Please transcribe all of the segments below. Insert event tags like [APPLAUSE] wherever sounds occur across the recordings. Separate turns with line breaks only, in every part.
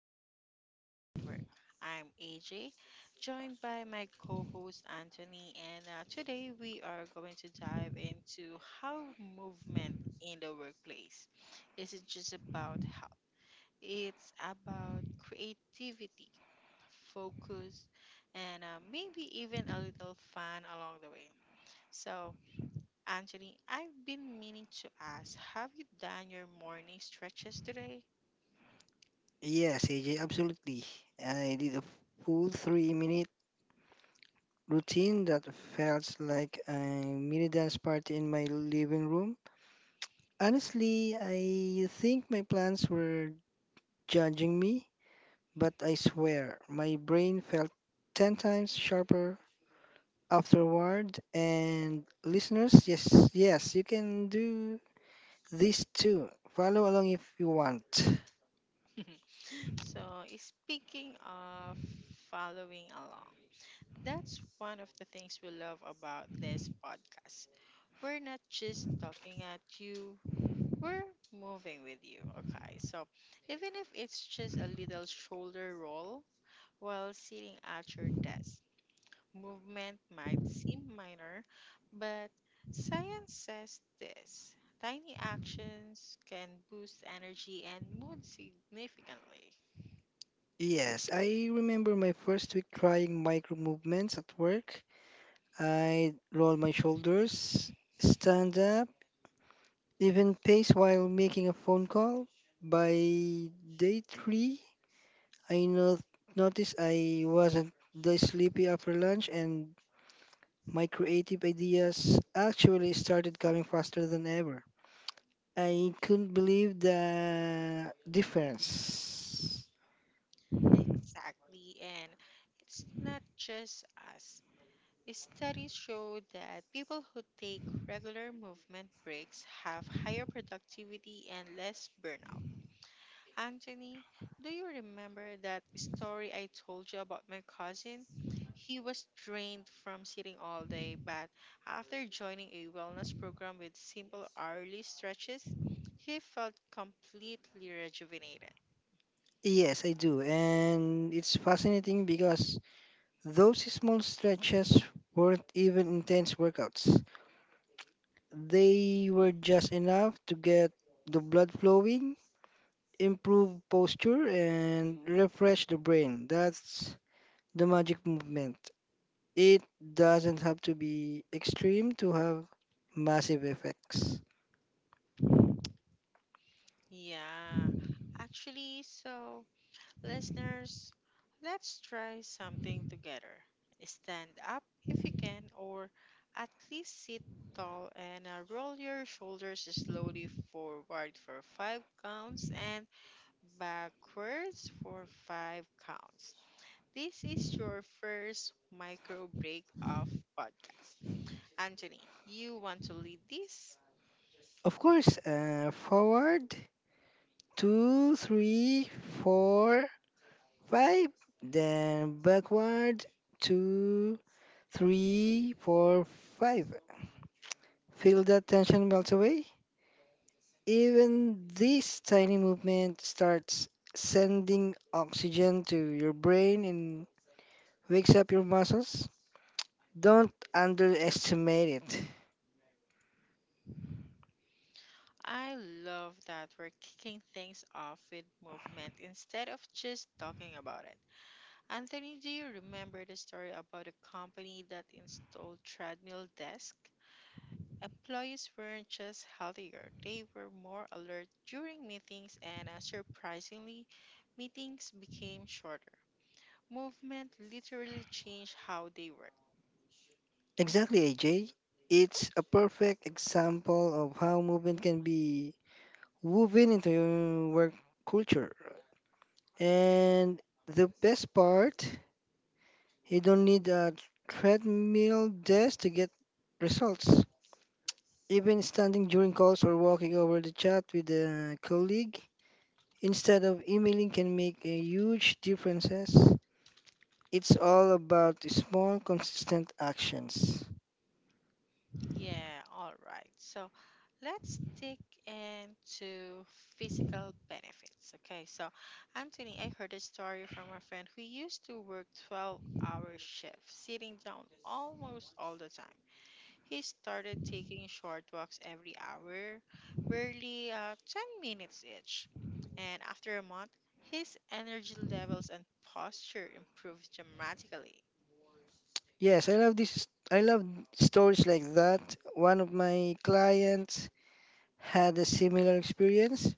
to the Motion at Work. I'm AJ, joined by my co host Anthony, and today we are going to dive into how movement in the workplace isn't just about health, it's about creativity, focus, and maybe even a little fun along the way. So, Anthony, I've been meaning to ask have you done your morning stretches today?
Yes, AJ, absolutely. I did a full 3 minute routine that felt like a mini dance party in my living room. Honestly, I think my plans were judging me, but I swear my brain felt 10 times sharper afterward. And listeners, yes, yes, you can do this too. Follow along if you want.
[LAUGHS] So, speaking of following along, that's one of the things we love about this podcast. We're not just talking at you, we're moving with you, okay? So, even if it's just a little shoulder roll while sitting at your desk, movement might seem minor, but science says this. Tiny actions can boost energy and mood significantly.
Yes, I remember my first week trying micro movements at work. I roll my shoulders, stand up, even pace while making a phone call. By day three, I not noticed I wasn't that sleepy after lunch, and my creative ideas actually started coming faster than ever. I couldn't believe the difference.
Exactly, and it's not just us. Studies show that people who take regular movement breaks have higher productivity and less burnout. Anthony, do you remember that story I told you about my cousin? He was drained from sitting all day, but after joining a wellness program with simple hourly stretches, he felt completely rejuvenated.
Yes, I do, and it's fascinating because those small stretches weren't even intense workouts. They were just enough to get the blood flowing, improve posture, and refresh the brain. That's the magic movement. It doesn't have to be extreme to have massive effects.
Yeah, actually, so. Listeners, let's try something together. Stand up if you can, or at least sit tall and roll your shoulders slowly forward for five counts and backwards for five counts. This is your first micro break of podcast. Anthony, you want to lead this?
Of course. Forward two, three, four, five, then backward two, three, four, five. Feel that tension melt away. Even this tiny movement starts sending oxygen to your brain and wakes up your muscles. Don't underestimate it.
I love that we're kicking things off with movement instead of just talking about it. Anthony, do you remember the story about a company that installed treadmill desk? Employees weren't just healthier, they were more alert during meetings and surprisingly, meetings became shorter. Movement literally changed how they work.
Exactly, AJ. It's a perfect example of how movement can be woven into your work culture. And the best part, you don't need a treadmill desk to get results. Even standing during calls or walking over the chat with a colleague instead of emailing can make a huge differences. It's all about the small consistent actions.
Yeah, all right. So let's dig into physical benefits. Okay, so Anthony, I heard a story from a friend who used to work 12-hour shifts, sitting down almost all the time. He started taking short walks every hour, barely 10 minutes each. And after a month, his energy levels and posture improved dramatically.
Yes, I love stories like that. One of my clients had a similar experience.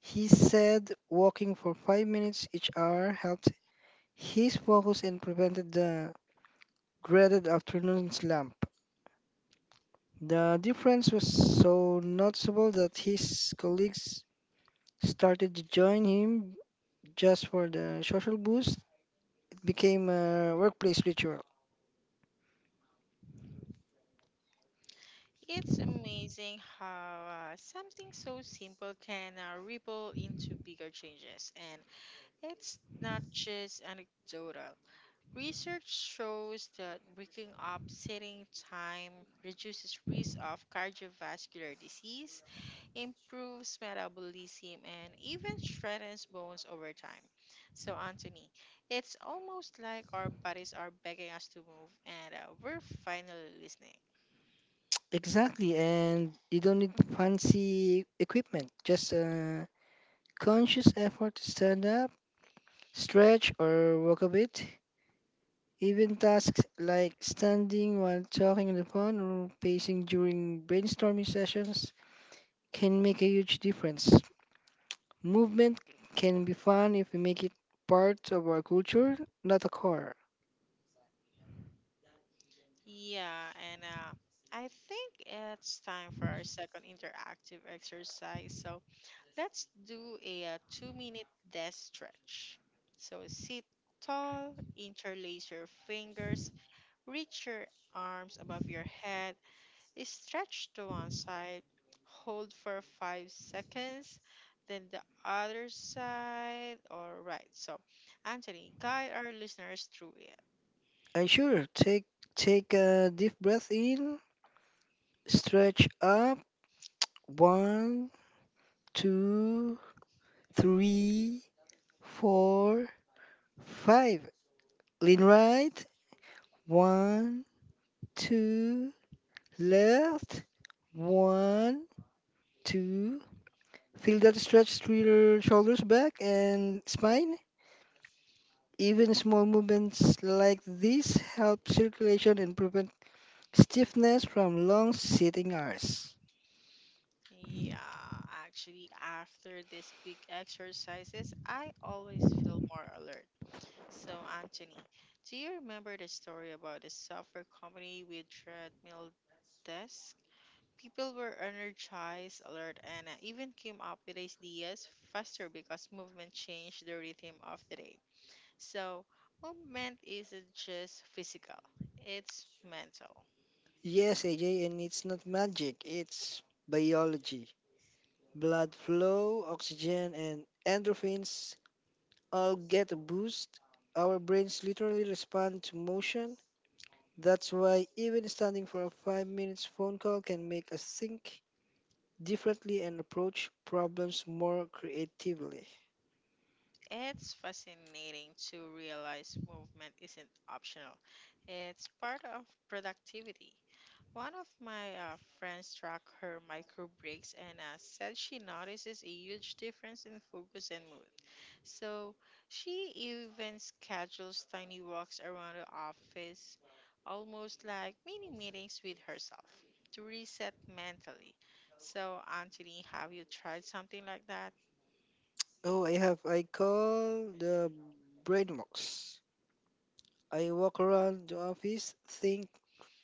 He said walking for 5 minutes each hour helped his focus and prevented the dreaded afternoon slump. The difference was so noticeable that his colleagues started to join him just for the social boost. It became a workplace ritual.
It's amazing how something so simple can ripple into bigger changes, and it's not just anecdotal. Research shows that breaking up sitting time reduces risk of cardiovascular disease, improves metabolism, and even strengthens bones over time. So, Anthony, it's almost like our bodies are begging us to move, and we're finally listening.
Exactly, and you don't need fancy equipment, just a conscious effort to stand up, stretch, or walk a bit. Even tasks like standing while talking on the phone or pacing during brainstorming sessions can make a huge difference. Movement can be fun if we make it part of our culture, not a core.
Yeah, and I think it's time for our second interactive exercise. So let's do a 2 minute death stretch. So sit tall, interlace your fingers, reach your arms above your head, stretch to one side, hold for 5 seconds, then the other side. All right. So, Anthony, guide our listeners through it.
And sure, take a deep breath in. Stretch up. One, two, three, four, five. Lean right. One, two, left. One, two. Feel that stretch through your shoulders, back, and spine. Even small movements like this help circulation and prevent stiffness from long sitting hours.
Yeah, actually, after these quick exercises, I always feel more alert. So, Anthony, do you remember the story about the software company with treadmill desk? People were energized, alert, and even came up with ideas faster because movement changed the rhythm of the day. So, movement isn't just physical, it's mental.
Yes, AJ, and it's not magic, it's biology. Blood flow, oxygen, and endorphins all get a boost. Our brains literally respond to motion. That's why even standing for a 5 minutes phone call can make us think differently and approach problems more creatively.
It's fascinating to realize movement isn't optional. It's part of productivity. One of my friends track her micro breaks and said she notices a huge difference in focus and mood. So she even schedules tiny walks around the office, almost like mini meetings with herself to reset mentally. So, Anthony, have you tried something like that?
Oh, I call the brain box. I walk around the office, think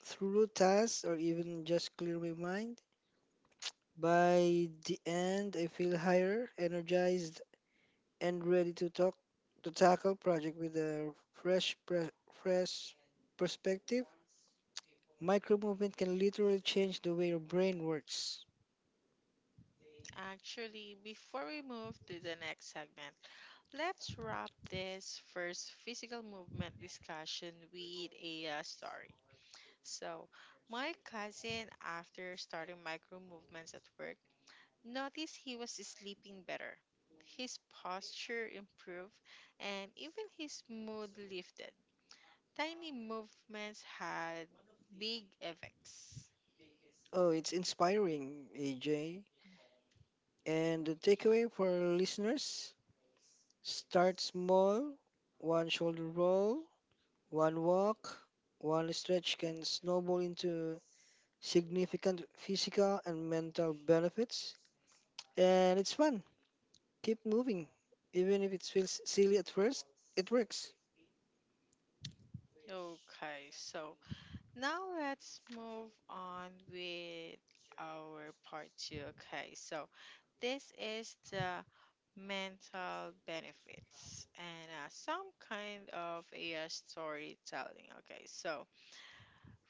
through tasks or even just clear my mind. By the end, I feel higher, energized and ready to talk to tackle project with a fresh fresh perspective. Micro movement can literally change the way your brain works.
Actually, before we move to the next segment, let's wrap this first physical movement discussion with a story. So, my cousin, after starting micro movements at work, noticed he was sleeping better. His posture improved, and even his mood lifted. Tiny movements had big effects.
Oh, it's inspiring, AJ. And the takeaway for our listeners, start small, one shoulder roll, one walk, one stretch can snowball into significant physical and mental benefits. And it's fun. Keep moving. Even if it feels silly at first, it works.
Okay, so Now let's move on with our part two. Okay, so this is the mental benefits and some kind of AI storytelling. Okay, so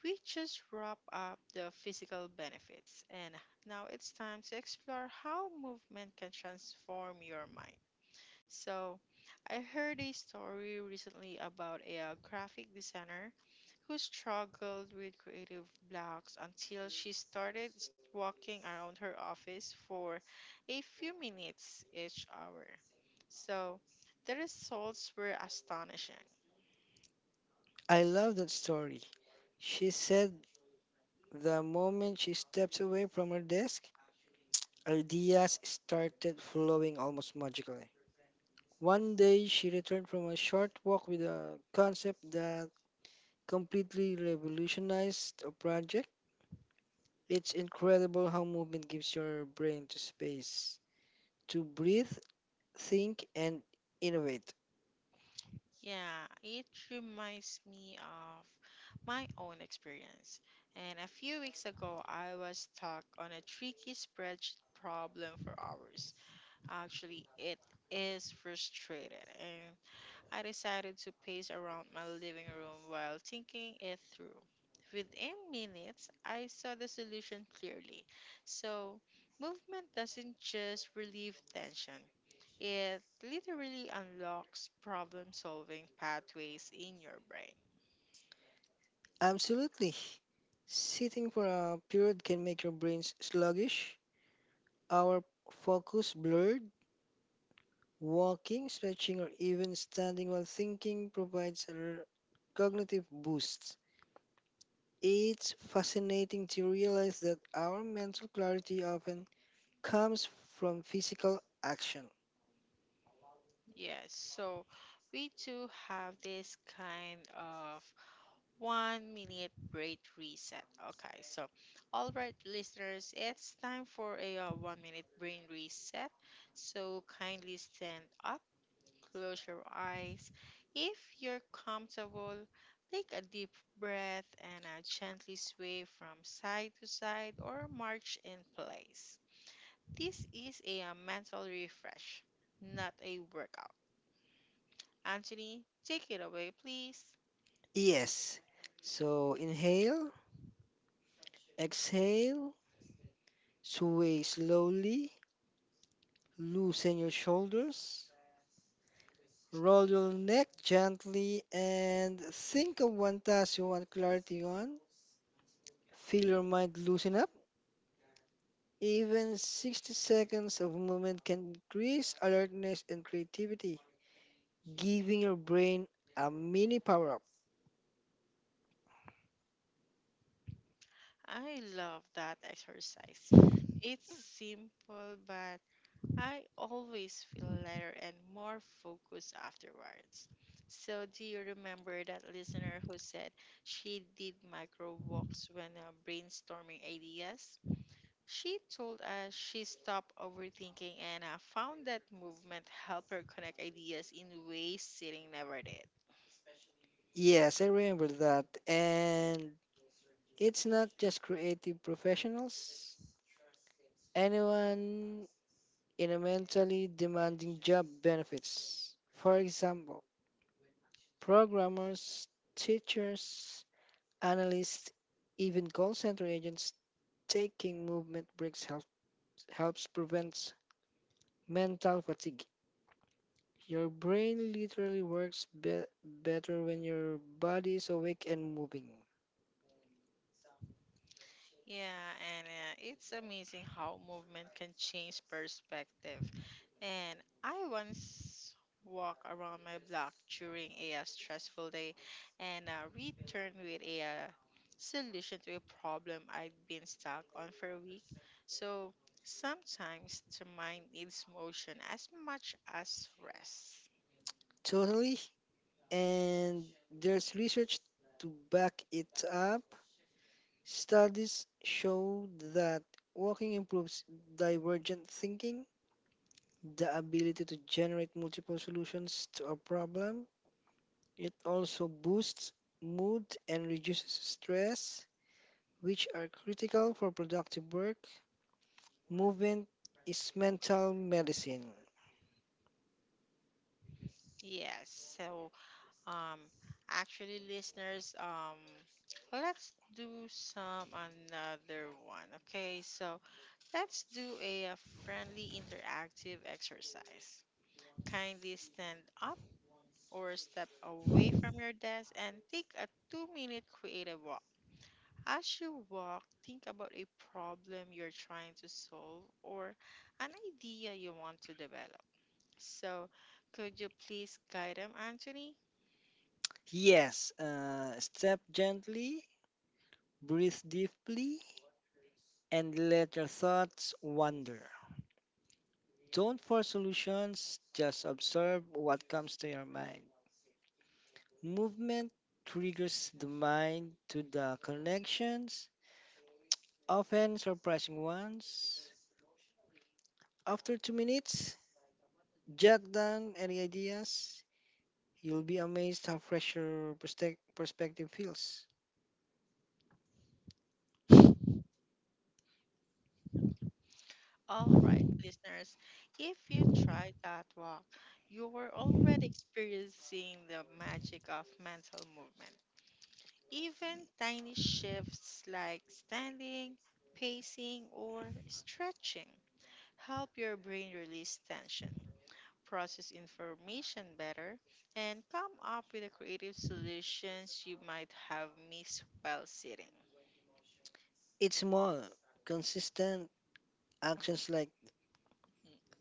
we just wrap up the physical benefits, and now it's time to explore how movement can transform your mind. So, I heard a story recently about a graphic designer who struggled with creative blocks until she started walking around her office for a few minutes each hour. So, the results were astonishing.
I love that story. She said the moment she stepped away from her desk, ideas started flowing almost magically. One day, she returned from a short walk with a concept that completely revolutionized a project. It's incredible how movement gives your brain to space to breathe, think, and innovate.
Yeah, it reminds me of my own experience. And a few weeks ago, I was stuck on a tricky spreadsheet problem for hours. Actually, it is frustrated, and I decided to pace around my living room while thinking it through. Within minutes, I saw the solution clearly. So, movement doesn't just relieve tension, it literally unlocks problem solving pathways in your brain.
Absolutely. Sitting for a period can make your brains sluggish, our focus blurred. Walking, stretching, or even standing while thinking provides a cognitive boost. It's fascinating to realize that our mental clarity often comes from physical action.
Yes, so we too have this kind of 1 minute break reset. Okay, so all right, listeners, it's time for a 1 minute brain reset. So kindly stand up, close your eyes. If you're comfortable, take a deep breath and gently sway from side to side or march in place. This is a mental refresh, not a workout. Anthony, take it away, please.
Yes. So, inhale, exhale, sway slowly, loosen your shoulders, roll your neck gently, and think of one task you want clarity on. Feel your mind loosen up. Even 60 seconds of movement can increase alertness and creativity, giving your brain a mini power up.
I love that exercise. It's simple, but I always feel lighter and more focused afterwards. So, do you remember that listener who said she did micro walks when brainstorming ideas? She told us she stopped overthinking and found that movement helped her connect ideas in ways sitting never did.
Yes, I remember that. And it's not just creative professionals. Anyone in a mentally demanding job benefits. For example, programmers, teachers, analysts, even call center agents taking movement breaks helps prevent mental fatigue. Your brain literally works better when your body is awake and moving.
Yeah, and It's amazing how movement can change perspective. And I once walked around my block during a stressful day and returned with a solution to a problem I'd been stuck on for a week. So sometimes the mind needs motion as much as rest.
Totally. And there's research to back it up. Studies show that walking improves divergent thinking, the ability to generate multiple solutions to a problem. It also boosts mood and reduces stress, which are critical for productive work. Movement is mental medicine.
Yes. Um, Actually, listeners, let's do some another one. Okay. So, let's do a friendly interactive exercise. Kindly stand up or step away from your desk and take a 2 minute creative walk. As you walk, think about a problem you're trying to solve or an idea you want to develop. So, could you please guide them, Anthony?
Yes, step gently, breathe deeply, and let your thoughts wander. Don't force solutions, just observe what comes to your mind. Movement triggers the mind to the connections, often surprising ones. After 2 minutes, jot down any ideas. You'll be amazed how fresh your perspective feels.
All right, listeners, if you try that walk, you're already experiencing the magic of mental movement. Even tiny shifts like standing, pacing, or stretching help your brain release tension, process information better, and come up with the creative solutions you might have missed while sitting.
It's small, consistent actions like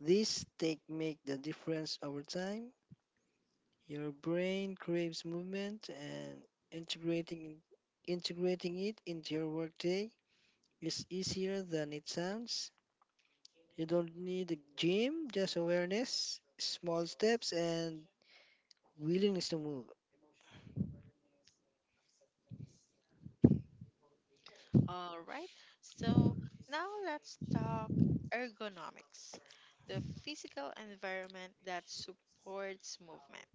this take make the difference over time. Your brain craves movement and integrating integrating it into your workday is easier than it sounds. You don't need a gym, just awareness, small steps and willingness to move.
All right, so now let's talk ergonomics, the physical environment that supports movement.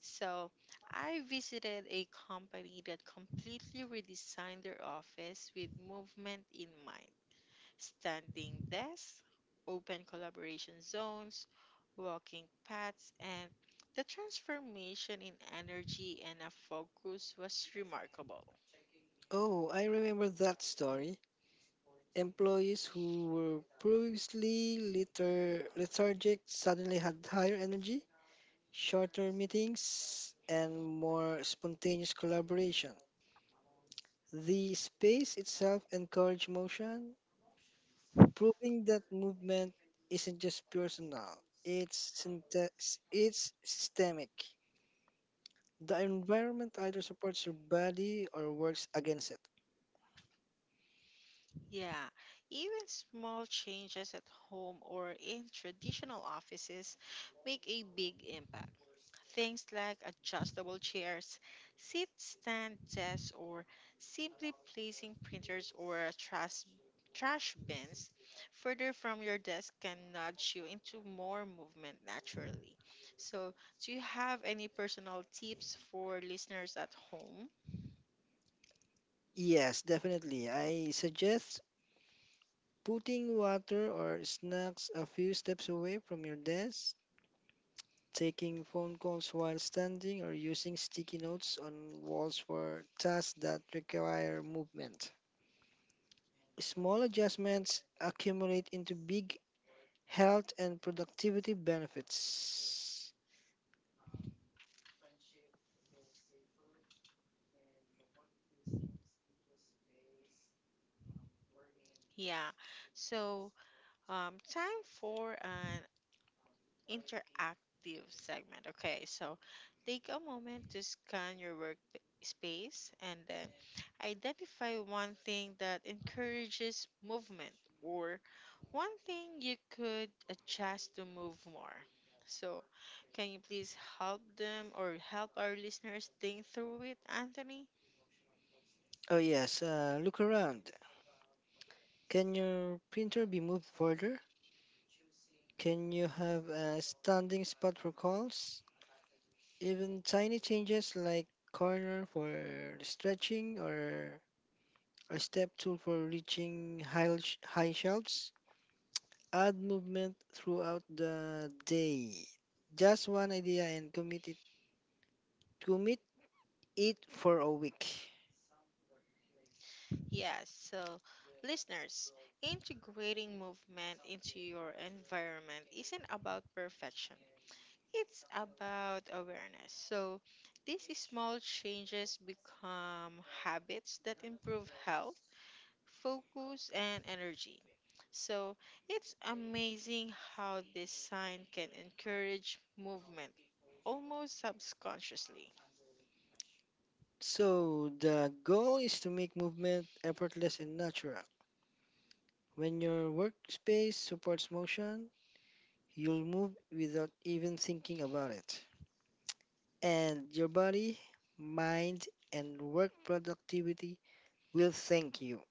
So, I visited a company that completely redesigned their office with movement in mind. Standing desks, open collaboration zones, walking paths, and the transformation in energy and a focus was remarkable.
Oh, I remember that story. Employees who were previously lethargic suddenly had higher energy shorter meetings, and more spontaneous collaboration. The space itself encourages motion, proving that movement isn't just personal, it's, syntax, it's systemic. The environment either supports your body or works against it.
Yeah, even small changes at home or in traditional offices make a big impact. Things like adjustable chairs, seat stand desks, or simply placing printers or trash bins further from your desk can nudge you into more movement naturally. So, do you have any personal tips for listeners at home?
Yes, definitely. I suggest putting water or snacks a few steps away from your desk taking phone calls while standing, or using sticky notes on walls for tasks that require movement. Small adjustments accumulate into big health and productivity benefits.
Yeah. So, time for an interactive segment. Okay. So, take a moment to scan your work space and then identify one thing that encourages movement or one thing you could adjust to move more. So, can you please help them or help our listeners think through it, Anthony?
Oh, yes, look around. Can your printer be moved further? Can you have a standing spot for calls? Even tiny changes like corner for stretching or a step tool for reaching high shelves add movement throughout the day. Just one idea and commit it for a week.
Yes, so listeners, integrating movement into your environment isn't about perfection. It's about awareness. So these small changes become habits that improve health, focus, and energy. So it's amazing how this sign can encourage movement almost subconsciously.
So the goal is to make movement effortless and natural. When your workspace supports motion, you'll move without even thinking about it. And your body, mind, and work productivity will thank you.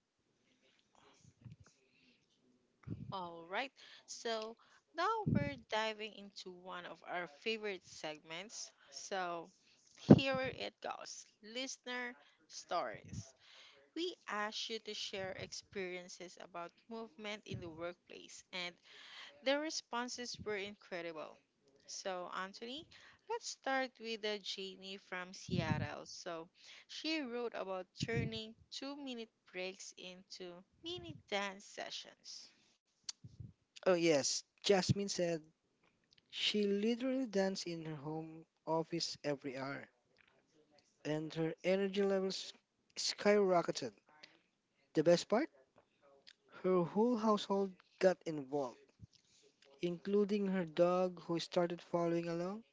All right, so now we're diving into one of our favorite segments. So here it goes listener stories. We ask you to share experiences about movement in the workplace, and the responses were incredible. So, Anthony, let's start with Jamie from Seattle. So, she wrote about turning 2 minute breaks into mini dance sessions.
Oh, yes, Jasmine said she literally danced in her home office every hour, and her energy levels skyrocketed. The best part? Her whole household got involved, including her dog who started following along.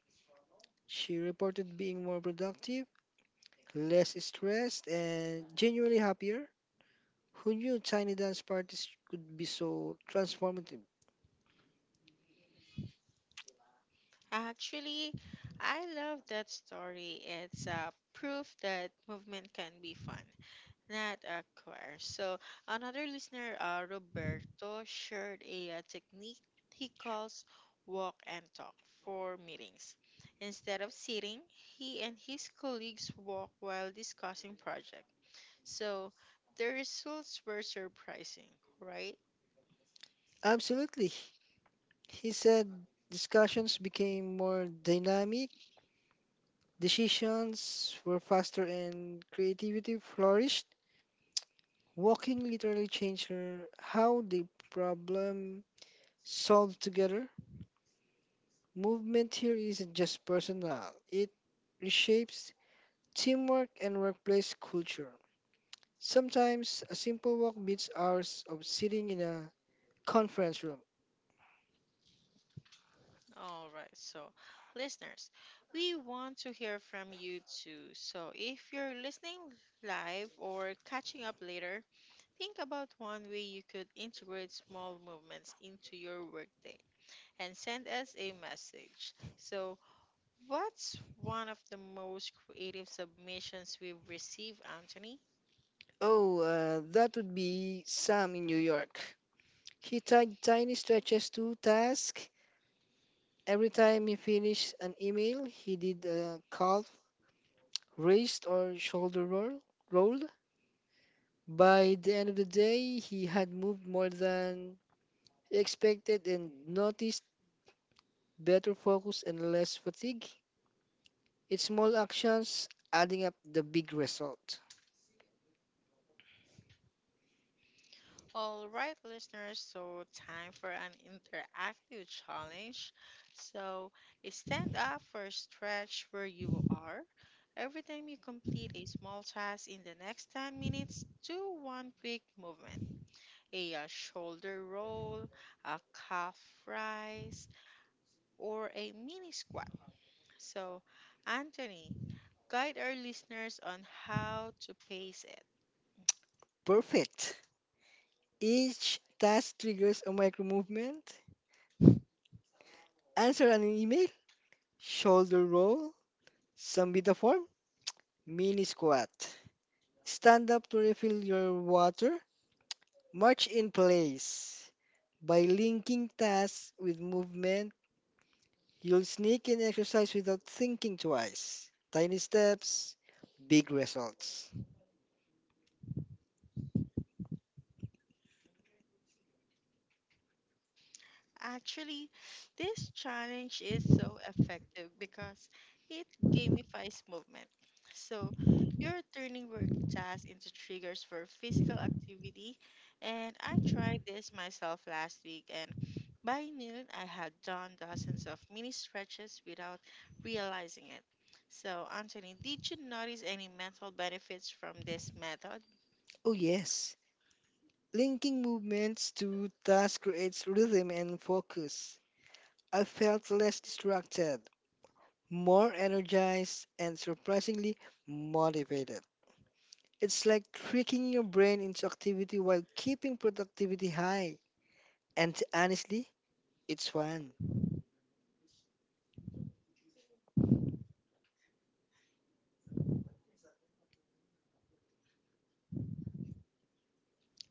She reported being more productive less stressed and genuinely happier. Who knew tiny dance parties could be so transformative?
Actually, I love that story. It's a proof that movement can be fun, not a chore. So, another listener, Roberto, shared a technique he calls walk and talk for meetings. Instead of sitting, he and his colleagues walk while discussing project. So, the results were surprising, right?
Absolutely. He said discussions became more dynamic, decisions were faster, and creativity flourished. Walking literally changed her how they problem solved together. Movement here isn't just personal, it reshapes teamwork and workplace culture. Sometimes a simple walk beats hours of sitting in a conference room.
All right, so listeners, we want to hear from you too. So if you're listening live or catching up later, think about one way you could integrate small movements into your workday and send us a message. So, what's one of the most creative submissions we've received, Anthony?
Oh, that would be Sam in New York. He tied tiny stretches to tasks. Every time he finished an email, he did a calf raised or shoulder roll. By the end of the day, he had moved more than he expected and noticed better focus and less fatigue. It's small actions adding up the big result.
All right, listeners, so time for an interactive challenge. So stand up for a stretch where you are. Every time you complete a small task in the next 10 minutes, do one quick movement a shoulder roll, a calf rise, or a mini squat. So, Anthony, guide our listeners on how to pace it.
Perfect. Each task triggers a micro movement. Answer an email, shoulder roll, submit a form, mini squat. Stand up to refill your water, march in place. By linking tasks with movement, you'll sneak in exercise without thinking twice. Tiny steps, big results.
Actually, this challenge is so effective because it gamifies movement. So, you're turning work tasks into triggers for physical activity. And I tried this myself last week, and by noon, I had done dozens of mini stretches without realizing it. So, Anthony, did you notice any mental benefits from this method?
Oh, yes. Linking movements to tasks creates rhythm and focus. I felt less distracted, more energized, and surprisingly motivated. It's like tricking your brain into activity while keeping productivity high. And honestly, it's fun.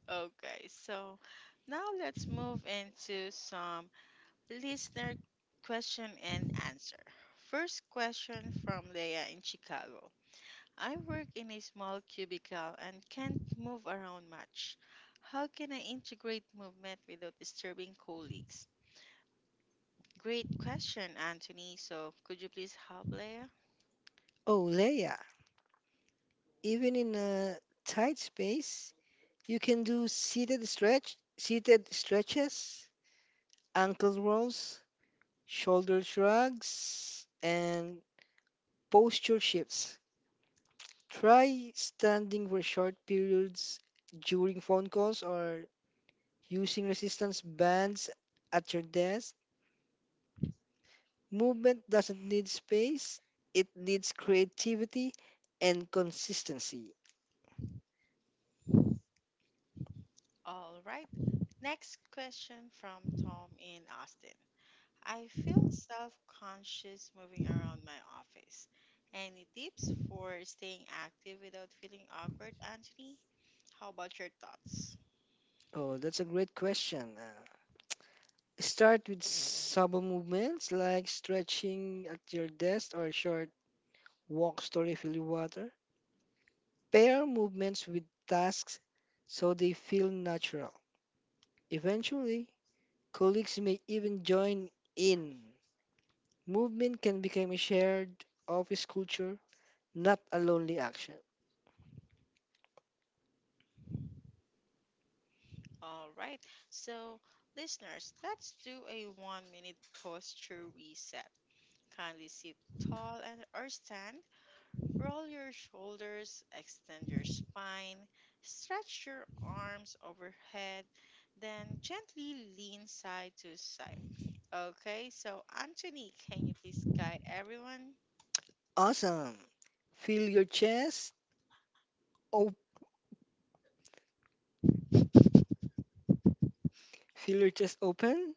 Okay, so now let's move into some Listener question and answer. First question from Leia in Chicago. I work in a small cubicle and can't move around much. How can I integrate movement without disturbing colleagues? Great question, Anthony. So, could you please help Leia?
Oh, Leia, even in a tight space, you can do seated stretch, seated stretches, ankle rolls, shoulder shrugs, and posture shifts. Try standing for short periods during phone calls or using resistance bands at your desk. Movement doesn't need space, it needs creativity and consistency.
All right. Next question from Tom in Austin. I feel self-conscious moving around my office. Any tips for staying active without feeling awkward, Anthony? How about your thoughts?
Oh, that's a great question. Start with subtle movements like stretching at your desk or short walks to refill your water. Pair movements with tasks so they feel natural. Eventually, colleagues may even join in. Movement can become a shared office culture, not a lonely action.
All right. So, listeners, let's do a one-minute posture reset. Kindly sit tall and or stand Roll your shoulders, extend your spine, stretch your arms overhead, then gently lean side to side. Okay, so Anthony, can you please guide everyone?
Awesome. Feel your chest. Op- Feel your chest open.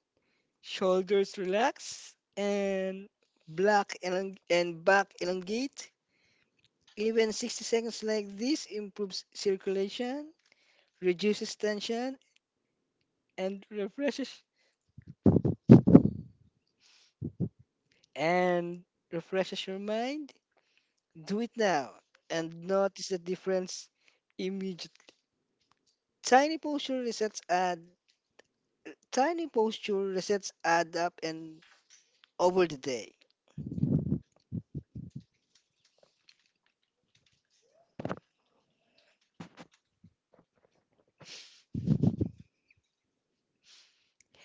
Shoulders relax. And black and back elongate. Even 60 seconds like this improves circulation, reduces tension, and refreshes and refreshes your mind. Do it now and notice the difference immediately. Tiny posture resets add tiny posture resets add up and over the day.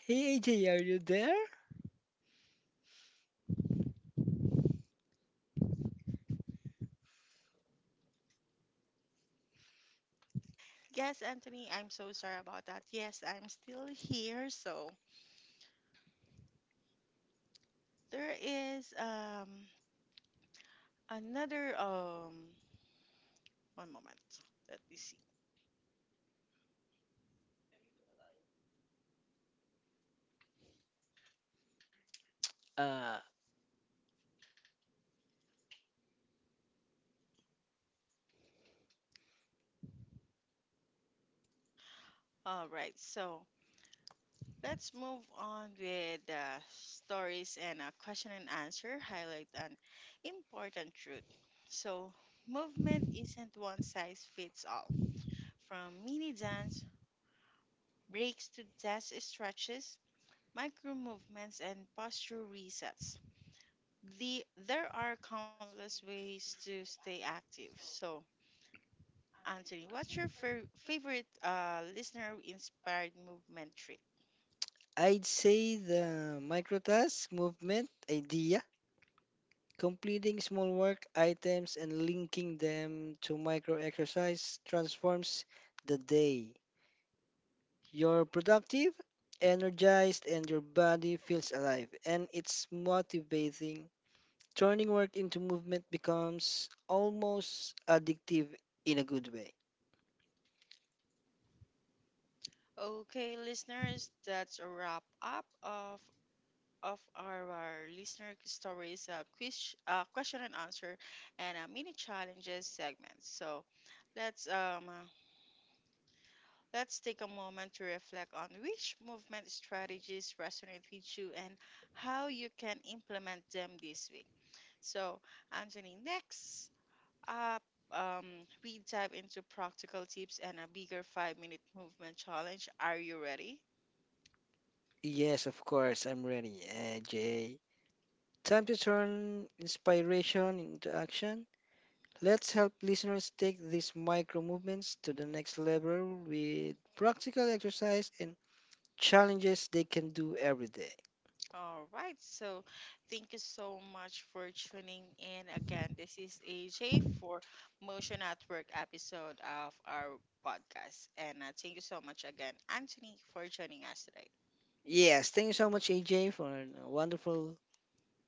Hey AJ, are you there?
Yes, Anthony, I'm so sorry about that. Yes, I'm still here. So there is another one moment. Let me see.
Uh,
All right, so Let's move on with stories and a question and answer highlight an important truth. So, movement isn't one size fits all. From mini dance breaks to desk stretches, micro movements, and posture resets. There are countless ways to stay active. So, Anthony, what's your favorite listener inspired movement trick?
I'd say the microtask movement idea, completing small work items and linking them to micro exercise transforms the day. You're productive, energized, and your body feels alive, and it's motivating. Turning work into movement becomes almost addictive in a good way.
Okay, listeners, that's a wrap up of our listener stories, quiz, question and answer, and mini challenges segments. So let's um, uh, let's take a moment to reflect on which movement strategies resonate with you and how you can implement them this week. So Anthony, next up. We dive into practical tips and a bigger 5 minute movement challenge. Are you ready?
Yes, of course, I'm ready, Jay. Time to turn inspiration into action. Let's help listeners take these micro movements to the next level with practical exercise and challenges they can do every day.
All right, so thank you so much for tuning in again. This is AJ for Motion at Work episode of our podcast. And thank you so much again, Anthony, for joining us today.
Yes, thank you so much, AJ, for a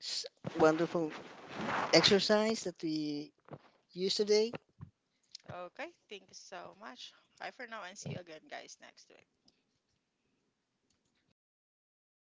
s- wonderful exercise that we used today.
Okay, thank you so much. Bye for now and see you again, guys, next week.